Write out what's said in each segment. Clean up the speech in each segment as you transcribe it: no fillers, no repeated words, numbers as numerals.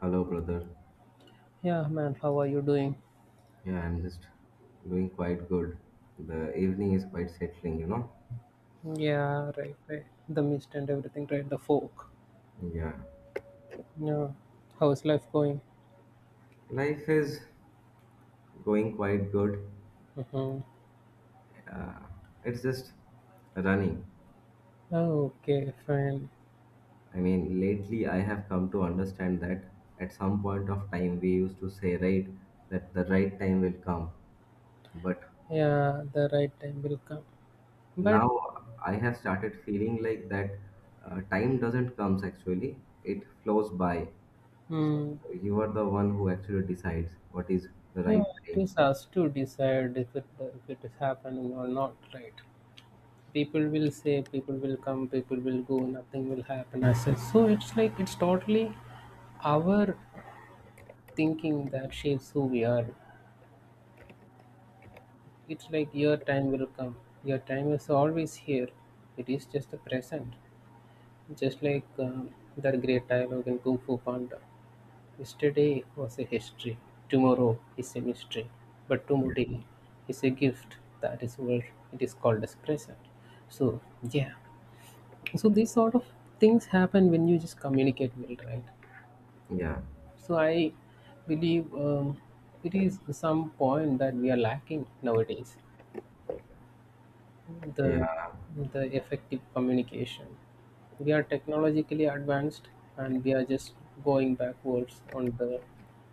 Hello, brother. Yeah, man, how are you doing? Yeah, I'm just doing quite good. The evening is quite settling, you know? Yeah, right, right. The mist and everything, right? The folk. Yeah. Yeah. How's life going? Life is going quite good. Mm-hmm. Uh, it's just running. Oh, okay, fine. I mean, lately I have come to understand that at some point of time we used to say, right, that the right time will come. But Yeah, the right time will come. But, now I have started feeling like that time doesn't comes actually, it flows by. So mm, you are the one who actually decides what is the yeah, right it time. is us to decide if it is happening or not, right? People will say, people will come, people will go, nothing will happen as such. So it's like, it's totally our thinking that shapes who we are. It's like your time will come. Your time is always here. It is just the present. Just like that great dialogue in Kung Fu Panda. Yesterday was a history. Tomorrow is a mystery. But Yeah. today is a gift. That is what it is called as present. So, yeah. So, these sort of things happen when you just communicate well, right? Yeah. So, I believe it is some point that we are lacking nowadays the Yeah. the effective communication. We are technologically advanced, and we are just going backwards on the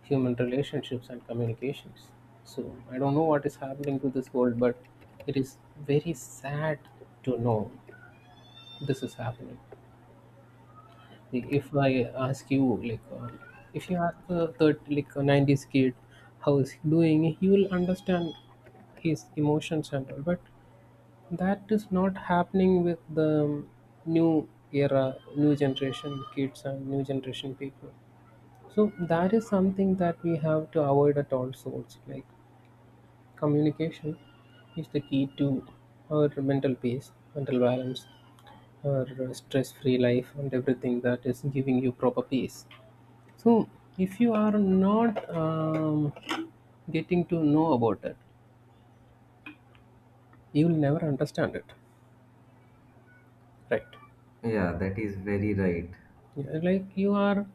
human relationships and communications. So I don't know what is happening to this world, but it is very sad to know this is happening. Like, if I ask you like if you ask a third like a 90s kid how is he doing, he will understand his emotions and all, but that is not happening with the new era, new generation kids and new generation people. So that is something that we have to avoid at all sorts. Like, communication is the key to our mental peace, mental balance, our stress-free life, and everything that is giving you proper peace. So if you are not getting to know about it, you will never understand it, right? Yeah. That is very right. Yeah, like you are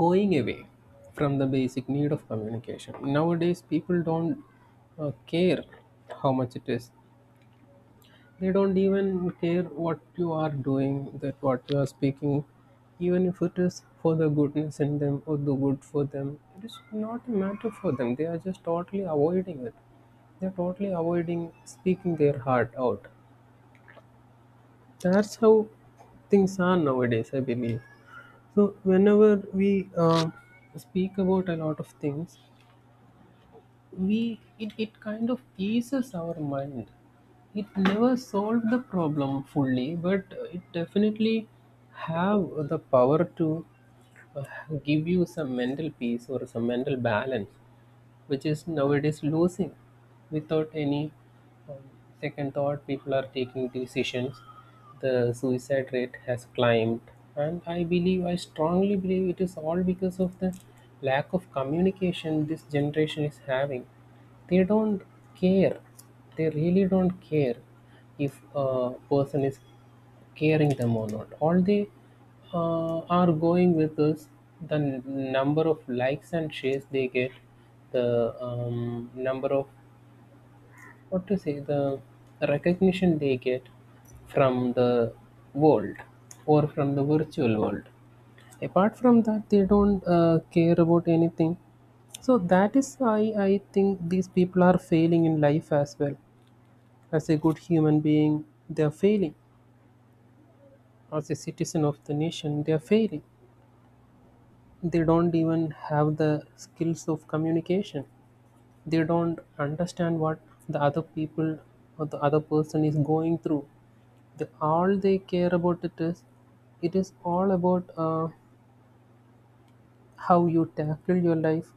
going away from the basic need of communication. Nowadays, people don't care how much it is. They don't even care what you are doing, that what you are speaking, even if it is for the goodness in them or the good for them. It is not a matter for them. They are just totally avoiding it. They are totally avoiding speaking their heart out. That's how things are nowadays, I believe. So whenever we speak about a lot of things, it kind of eases our mind. It never solved the problem fully, but it definitely have the power to uh, give you some mental peace or some mental balance, which is nowadays losing. Without any um, second thought, people are taking decisions. The suicide rate has climbed, and I strongly believe it is all because of the lack of communication this generation is having. They don't care. They really don't care if a person is caring them or not. All they are going with is the number of likes and shares they get, the number of, what to say, the recognition they get from the world or from the virtual world. Apart from that, they don't care about anything. So that is why I think these people are failing in life as well. As a good human being, they are failing. As a citizen of the nation, they are failing. They don't even have the skills of communication. They don't understand what the other people or the other person is going through. The, all they care about it is, it is all about how you tackle your life,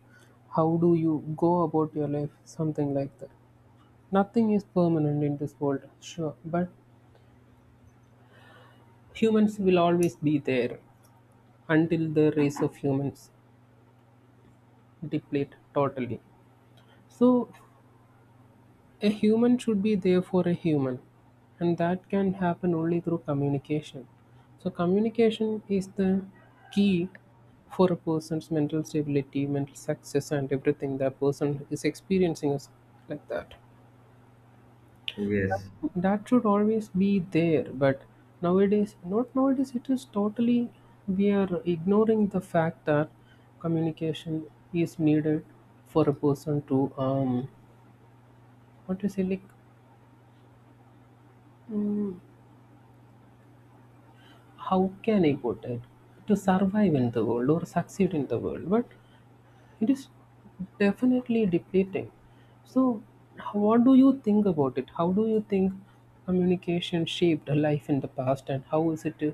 how do you go about your life, something like that. Nothing is permanent in this world, sure, but humans will always be there until the race of humans deplete totally. So a human should be there for a human, and that can happen only through communication. So, communication is the key for a person's mental stability, mental success, and everything that person is experiencing is like that. Yes. That should always be there, but nowadays, not nowadays, it is totally, we are ignoring the fact that communication is needed for a person to what to say, like, how can I put it? To survive in the world or succeed in the world, but it is definitely depleting. So, what do you think about it? How do you think communication shaped a life in the past, and how is it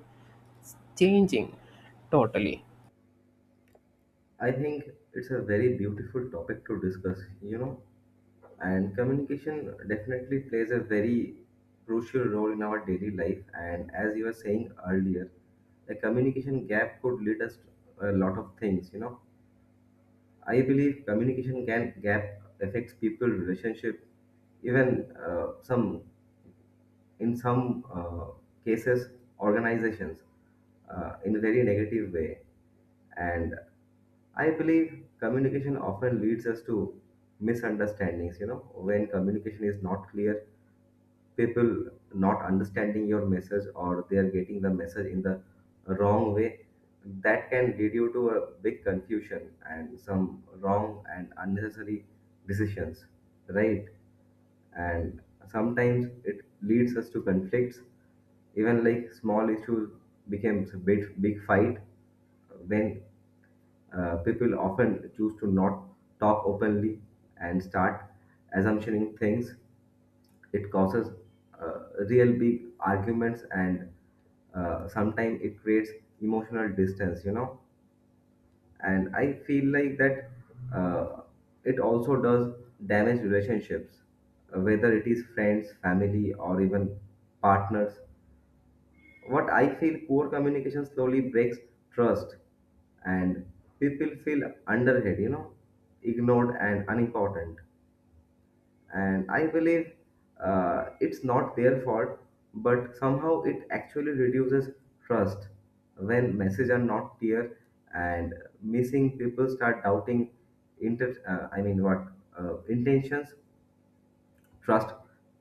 changing totally? I think it's a very beautiful topic to discuss, you know, and communication definitely plays a very crucial role in our daily life. And as you were saying earlier, the communication gap could lead us to a lot of things, you know. I believe communication can gap affects people relationship, even some in some cases organizations in a very negative way, and I believe communication often leads us to misunderstandings, you know. When communication is not clear, people not understanding your message, or they are getting the message in the wrong way, that can lead you to a big confusion and some wrong and unnecessary decisions, right? And sometimes it leads us to conflicts, even like small issues becomes a big big fight when people often choose to not talk openly and start assumptioning things. It causes real big arguments, and sometimes it creates emotional distance, you know. And I feel like that uh, it also does damage relationships, whether it is friends family or even partners. What I feel, poor communication slowly breaks trust, and people feel underhead, you know, ignored and unimportant. And I believe it's not their fault, but somehow it actually reduces trust when messages are not clear, and missing people start doubting inter I mean what intentions, trust.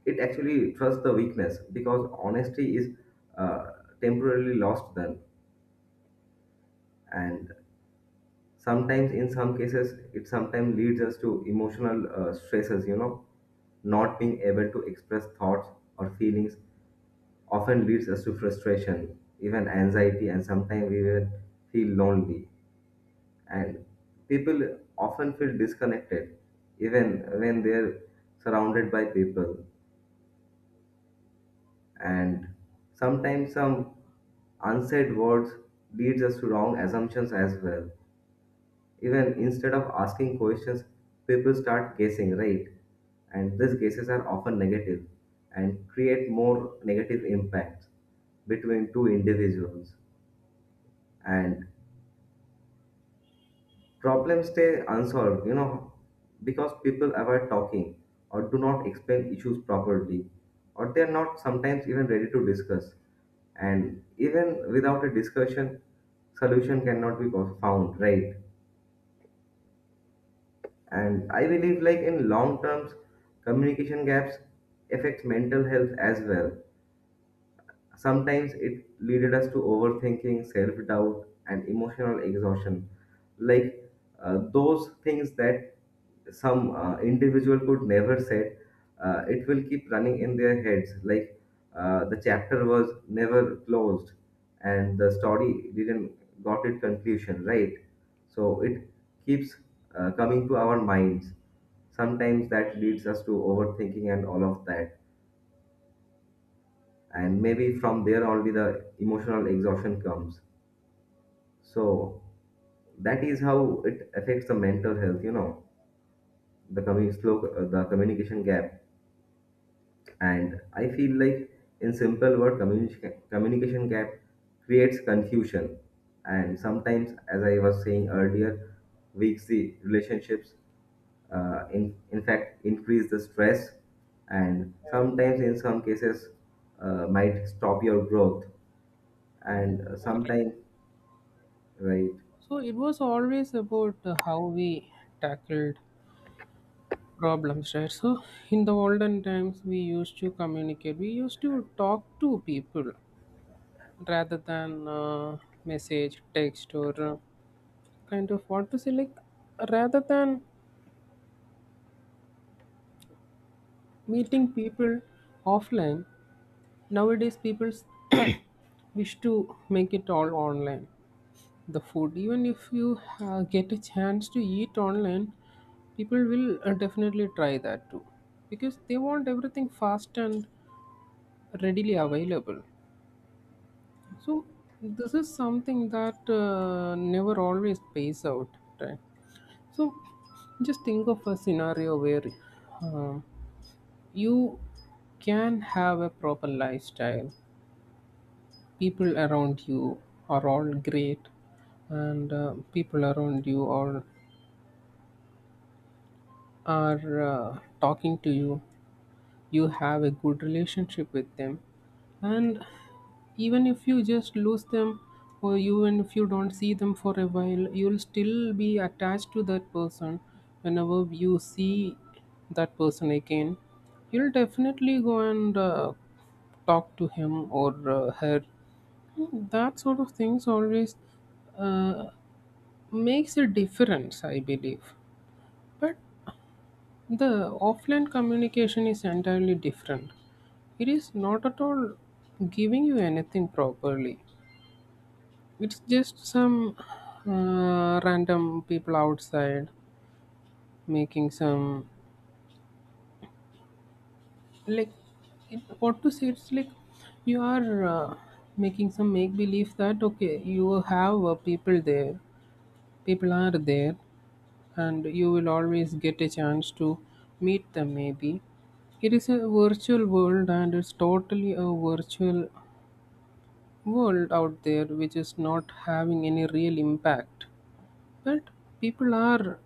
It actually trusts the weakness because honesty is uh, temporarily lost then. And sometimes in some cases it sometimes leads us to emotional stresses, you know. Not being able to express thoughts or feelings often leads us to frustration, even anxiety, and sometimes we will feel lonely. And people often feel disconnected even when they're surrounded by people. And sometimes some unsaid words leads us to wrong assumptions as well. Even instead of asking questions, people start guessing, right? And these guesses are often negative and create more negative impacts between two individuals. And problems stay unsolved, you know, because people avoid talking or do not explain issues properly, or they are not sometimes even ready to discuss. And even without a discussion, solution cannot be found, right? And I believe, like in long terms, communication gaps affect mental health as well. Sometimes it leaded us to overthinking, self doubt, and emotional exhaustion. Like those things that some individual could never said, it will keep running in their heads. Like the chapter was never closed, and the story didn't got its conclusion, right? So it keeps coming to our minds. Sometimes that leads us to overthinking and all of that, and maybe from there only the emotional exhaustion comes. So that is how it affects the mental health, you know, the coming slow the communication gap. And I feel like, in simple word, communication gap creates confusion, and sometimes, as I was saying earlier, weaks the relationships, in fact increase the stress, and sometimes in some cases might stop your growth, and sometimes Right. So it was always about how we tackled problems, right? So in the olden times, we used to communicate. We used to talk to people, rather than message, text, or kind of what to say, like, rather than meeting people offline, nowadays people wish to make it all online. The food, even if you get a chance to eat online, people will definitely try that too because they want everything fast and readily available. So, this is something that never always pays out, right? So just think of a scenario where um, you can have a proper lifestyle. People around you are all great, and people around you are talking to you. You have a good relationship with them, and even if you just lose them, or even if you don't see them for a while, you'll still be attached to that person. Whenever you see that person again, you'll definitely go and talk to him or her. That sort of things always uh, makes a difference, I believe. But the offline communication is entirely different. It is not at all giving you anything properly. It's just some random people outside making some, like, it, what to say, it's like you are making some make believe that okay, you have people there, people are there, and you will always get a chance to meet them. Maybe it is a virtual world, and it's totally a virtual world out there which is not having any real impact. But people are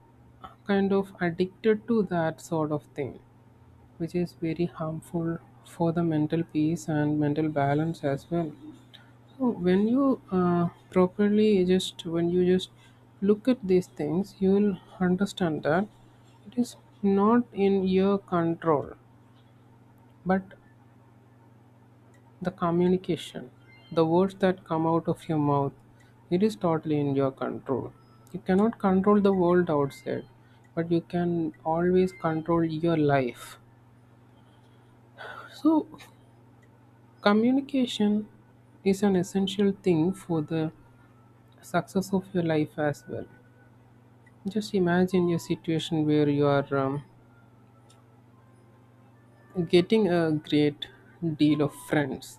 kind of addicted to that sort of thing, which is very harmful for the mental peace and mental balance as well. So when you properly just when you just look at these things, you will understand that it is not in your control, but the communication, the words that come out of your mouth, it is totally in your control. You cannot control the world outside, but you can always control your life. So, communication is an essential thing for the success of your life as well. Just imagine your situation where you are getting a great deal of friends.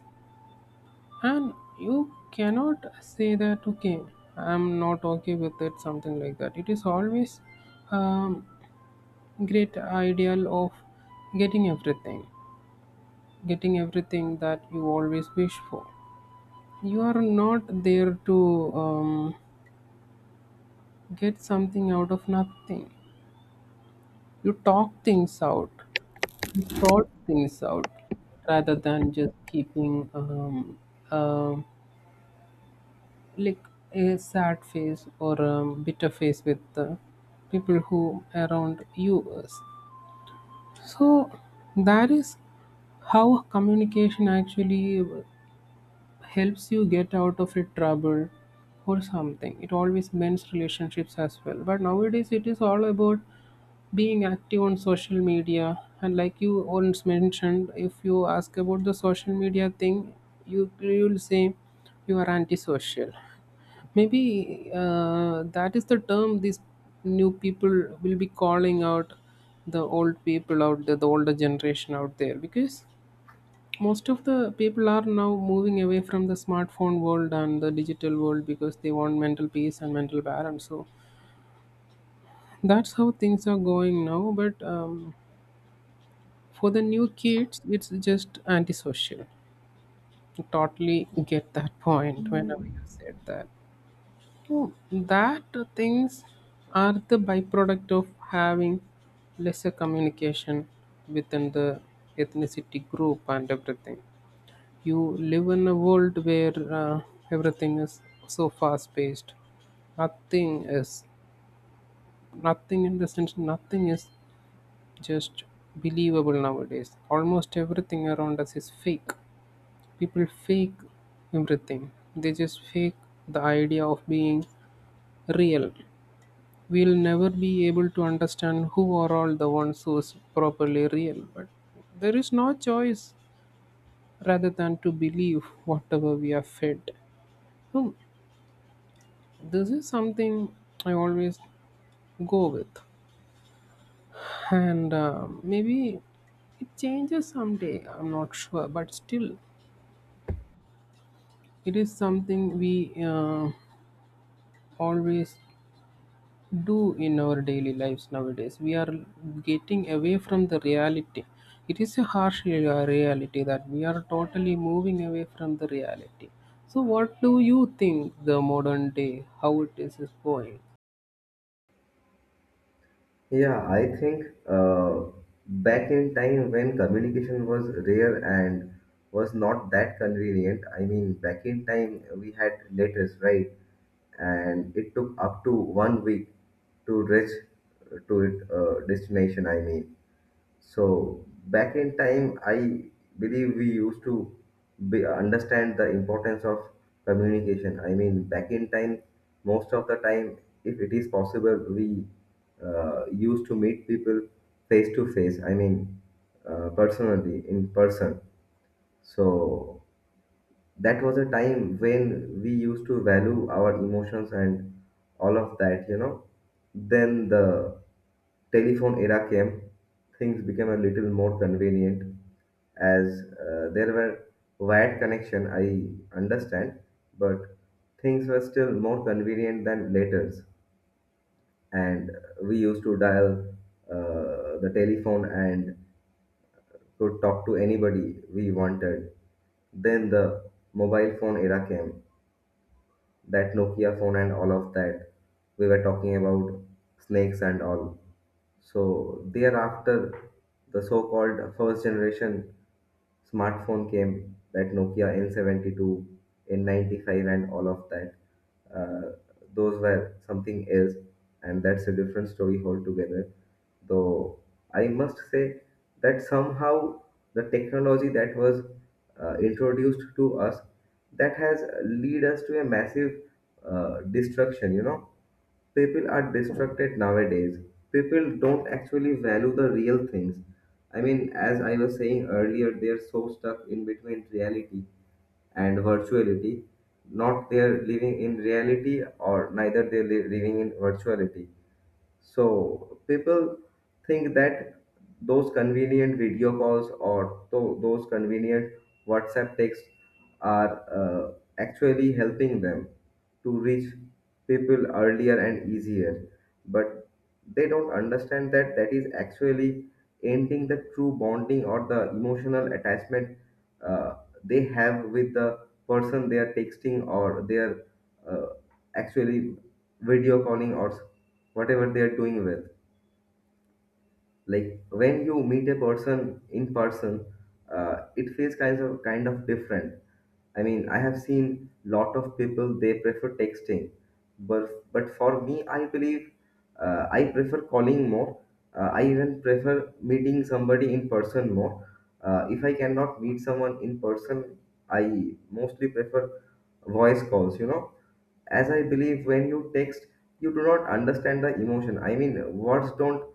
And you cannot say that, okay, I'm not okay with it, something like that. It is always um, great ideal of getting everything, getting everything that you always wish for. You are not there to get something out of nothing. You talk things out, you sort things out, rather than just keeping um, like a sad face or a bitter face with the people who around you is. So that is how communication actually helps you get out of a trouble or something. It always mends relationships as well. But nowadays it is all about being active on social media, and like you once mentioned, if you ask about the social media thing, you will say you are antisocial. Maybe that is the term these new people will be calling out, the old people out there, the older generation out there, because most of the people are now moving away from the smartphone world and the digital world because they want mental peace and mental balance. So that's how things are going now. But for the new kids, it's just antisocial. I totally get that point whenever you said that. Oh, that things are the byproduct of having lesser communication within the ethnicity group and everything. You live in a world where everything is so fast paced. Nothing is Nothing in the sense, nothing is just believable nowadays. Almost everything around us is fake. People fake everything. They just fake the idea of being real. We'll never be able to understand who are all the ones who is properly real. But there is no choice rather than to believe whatever we are fed. Hmm, this is something I always go with, and maybe it changes someday. I'm not sure, but still, it is something we always do in our daily lives nowadays. We are getting away from the reality. It is a harsh reality that we are totally moving away from the reality. So, what do you think the modern day, how it is going? Yeah, I think back in time when communication was rare and was not that convenient, I mean, back in time we had letters, right? And it took up to 1 week to reach to it destination, I mean. So back in time, I believe we used to understand the importance of communication. I mean, back in time, most of the time, if it is possible, we used to meet people face to face. I mean, personally in person. So that was a time when we used to value our emotions and all of that, you know. Then the telephone era came, things became a little more convenient, as there were wired connection, I understand, but things were still more convenient than letters. And we used to dial the telephone and could talk to anybody we wanted. Then the mobile phone era came, that Nokia phone and all of that. We were talking about snakes and all. So thereafter, the so-called first generation smartphone came, that Nokia N72, N95, and all of that. Uh, those were something else, and that's a different story altogether. Though I must say that somehow the technology that was introduced to us, that has lead us to a massive destruction. You know, people are distracted nowadays. People don't actually value the real things. I mean, as I was saying earlier, they are so stuck in between reality and virtuality. Not they are living in reality, or neither they are living in virtuality. So people think that those convenient video calls or those convenient WhatsApp texts are actually helping them to reach people earlier and easier. But they don't understand that that is actually ending the true bonding or the emotional attachment uh, they have with the person they are texting, or they are uh, actually video calling, or whatever they are doing with. Like when you meet a person in person, it feels kind of different. I mean, I have seen lot of people they prefer texting, but for me, I believe I prefer calling more. I even prefer meeting somebody in person more. If I cannot meet someone in person, I mostly prefer voice calls. You know, as I believe when you text, you do not understand the emotion. I mean, words don't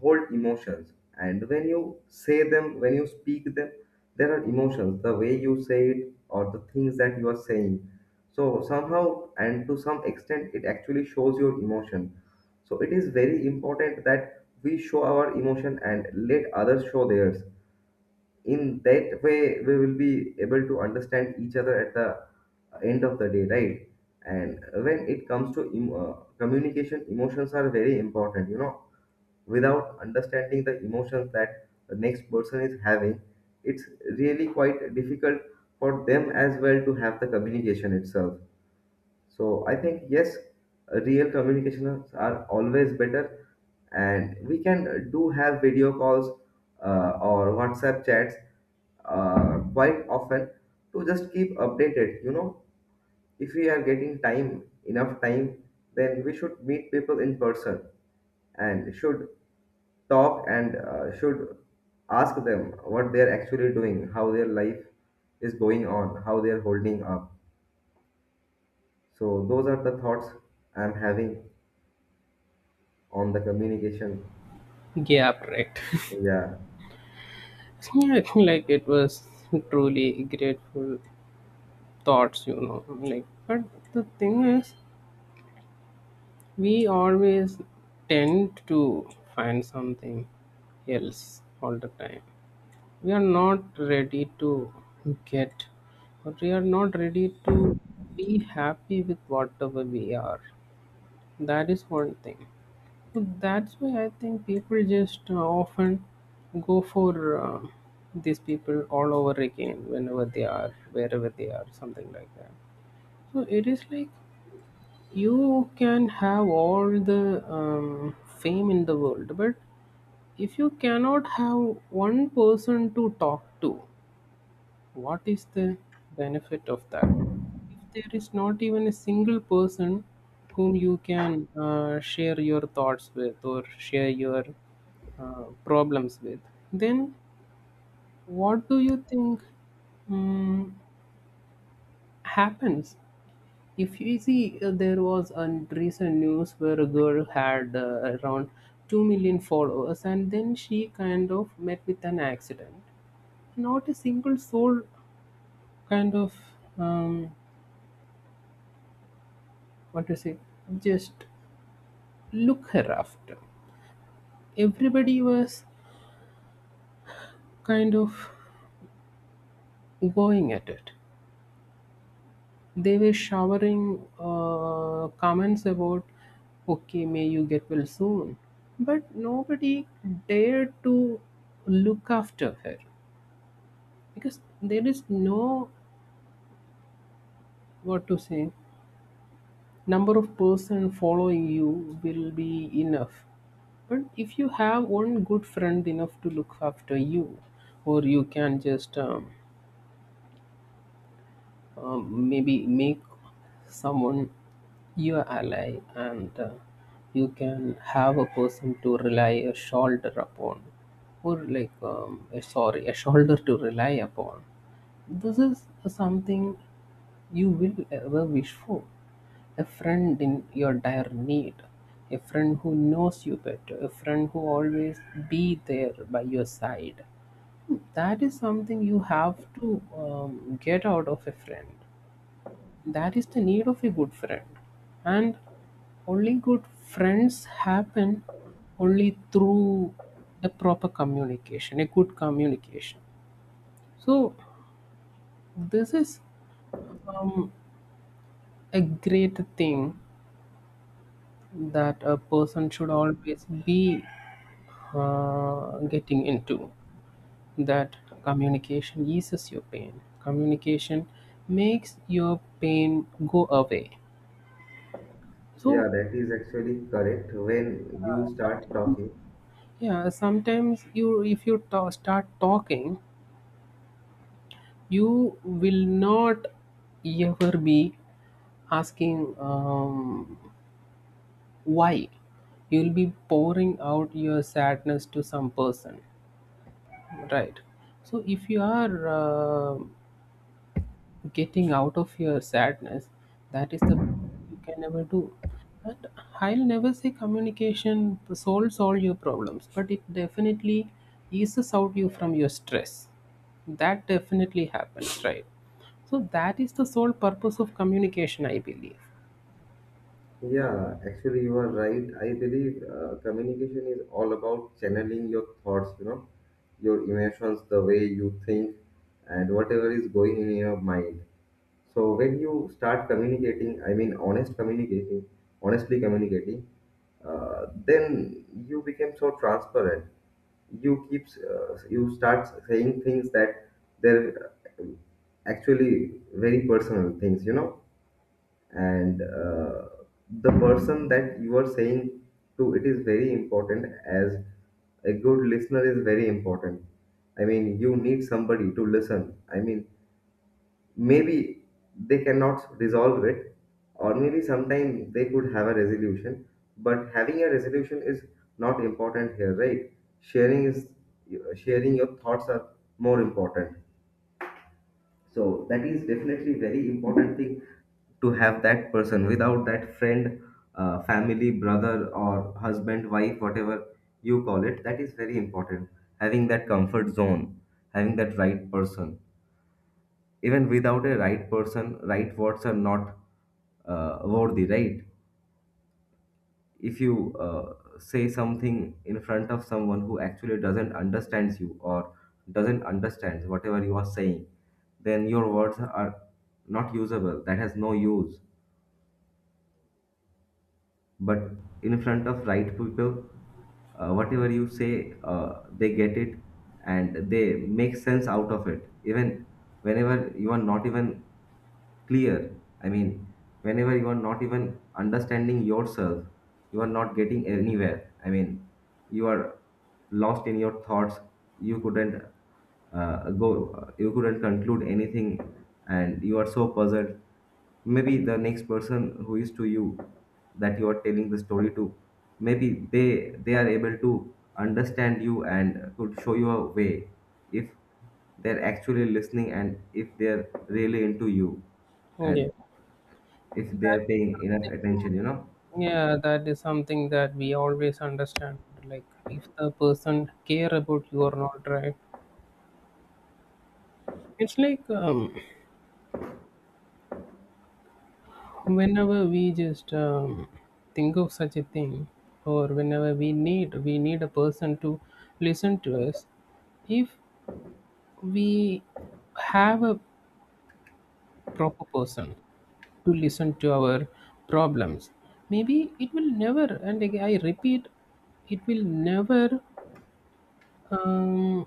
hold emotions. And when you say them, when you speak them, there are emotions, the way you say it or the things that you are saying. So, somehow and to some extent, it actually shows your emotion. So, it is very important that we show our emotion and let others show theirs. In that way we will be able to understand each other at the end of the day, right? And when it comes to communication, emotions are very important, you know. Without understanding the emotions that the next person is having, it's really quite difficult for them as well to have the communication itself. So I think yes, real communications are always better, and we can do have video calls or WhatsApp chats quite often to just keep updated. You know, if we are getting time enough time, then we should meet people in person and should talk, and should ask them what they are actually doing, how their life is going on, how they are holding up. So those are the thoughts I'm having on the communication. Gap, right? Yeah. Yeah, I think like it was truly grateful thoughts, you know. Like, but the thing is, we always tend to find something else all the time. We are not ready to get, but we are not ready to be happy with whatever we are. That is one thing. So that's why I think people just often go for uh, these people all over again whenever they are, wherever they are, something like that. So it is like you can have all the fame in the world, but if you cannot have one person to talk to, what is the benefit of that? If there is not even a single person whom you can share your thoughts with or share your problems with, then what do you think um, happens? If you see, there was a recent news where a girl had around 2 million followers, and then she kind of met with an accident. Not a single soul kind of, um, what to say, just look her after. Everybody was kind of going at it. They were showering comments about, okay, may you get well soon. But nobody dared to look after her because there is no, what to say, number of person following you will be enough. But if you have one good friend enough to look after you, or you can just maybe make someone your ally, and you can have a person to rely a shoulder upon, or like, a, sorry, a shoulder to rely upon. This is something you will ever wish for: a friend in your dire need, a friend who knows you better, a friend who always be there by your side. That is something you have to get out of a friend. That is the need of a good friend. And only good friends happen only through the proper communication, a good communication. So, this is, um, a great thing that a person should always be getting into. That communication eases your pain, communication makes your pain go away. So, Yeah, that is actually correct when you start sometimes. talking. Yeah, sometimes, you if you ta start talking, you will not ever be asking, why. You'll be pouring out your sadness to some person, right? So if you are getting out of your sadness, that is the, you can never do. And I'll never say communication solves all your problems, but it definitely eases out you from your stress. That definitely happens, right? So that is the sole purpose of communication, I believe. Yeah, actually, you are right. I believe communication is all about channeling your thoughts, you know, your emotions, the way you think, and whatever is going in your mind. So when you start communicating, I mean, honest communicating, honestly communicating, then you become so transparent. You keep, you start saying things that they're uh, actually very personal things, you know. And the person that you are saying to, it is very important, as a good listener is very important. I mean, you need somebody to listen. I mean, maybe they cannot resolve it, or maybe sometime they could have a resolution, but having a resolution is not important here, right? Sharing is, sharing your thoughts are more important. So that is definitely very important thing, to have that person, without that friend, family, brother, or husband, wife, whatever you call it, that is very important. Having that comfort zone, having that right person, even without a right person, right words are not worthy, right? If you say something in front of someone who actually doesn't understands you, or doesn't understands whatever you are saying, then your words are not usable, that has no use. But in front of right people, whatever you say, they get it, and they make sense out of it, even whenever you are not even clear. I mean, whenever you are not even understanding yourself, you are not getting anywhere. I mean, you are lost in your thoughts. You couldn't go. You couldn't conclude anything, and you are so puzzled. Maybe the next person who is to you, that you are telling the story to, maybe they are able to understand you and could show you a way, if they're actually listening, and if they're really into you, Yeah, and if that they're is paying enough attention, you something. know. Yeah, that is something that we always understand, like if the person care about you or not, right? It's like, whenever we just, think of such a thing, or whenever we need a person to listen to us. If we have a proper person to listen to our problems, maybe it will never, and again I repeat, it will never, um,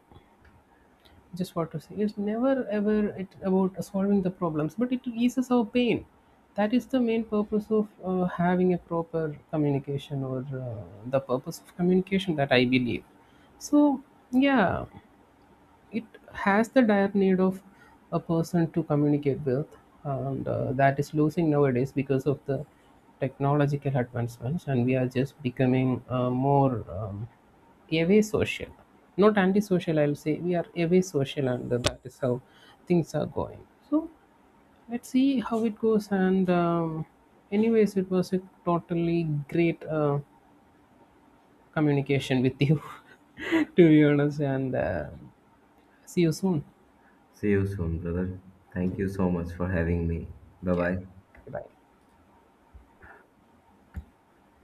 just what to say, it's never ever it about solving the problems, but it eases our pain. That is the main purpose of having a proper communication, or the purpose of communication that I believe. So, yeah, it has the dire need of a person to communicate with. And that is losing nowadays because of the technological advancements, and we are just becoming more, away social, not antisocial, I'll say we are away social, and that is how things are going. So let's see how it goes. And anyways, it was a totally great communication with you to be honest. And see you soon. See you soon, brother. Thank you so much for having me. Bye Yeah. bye. Goodbye.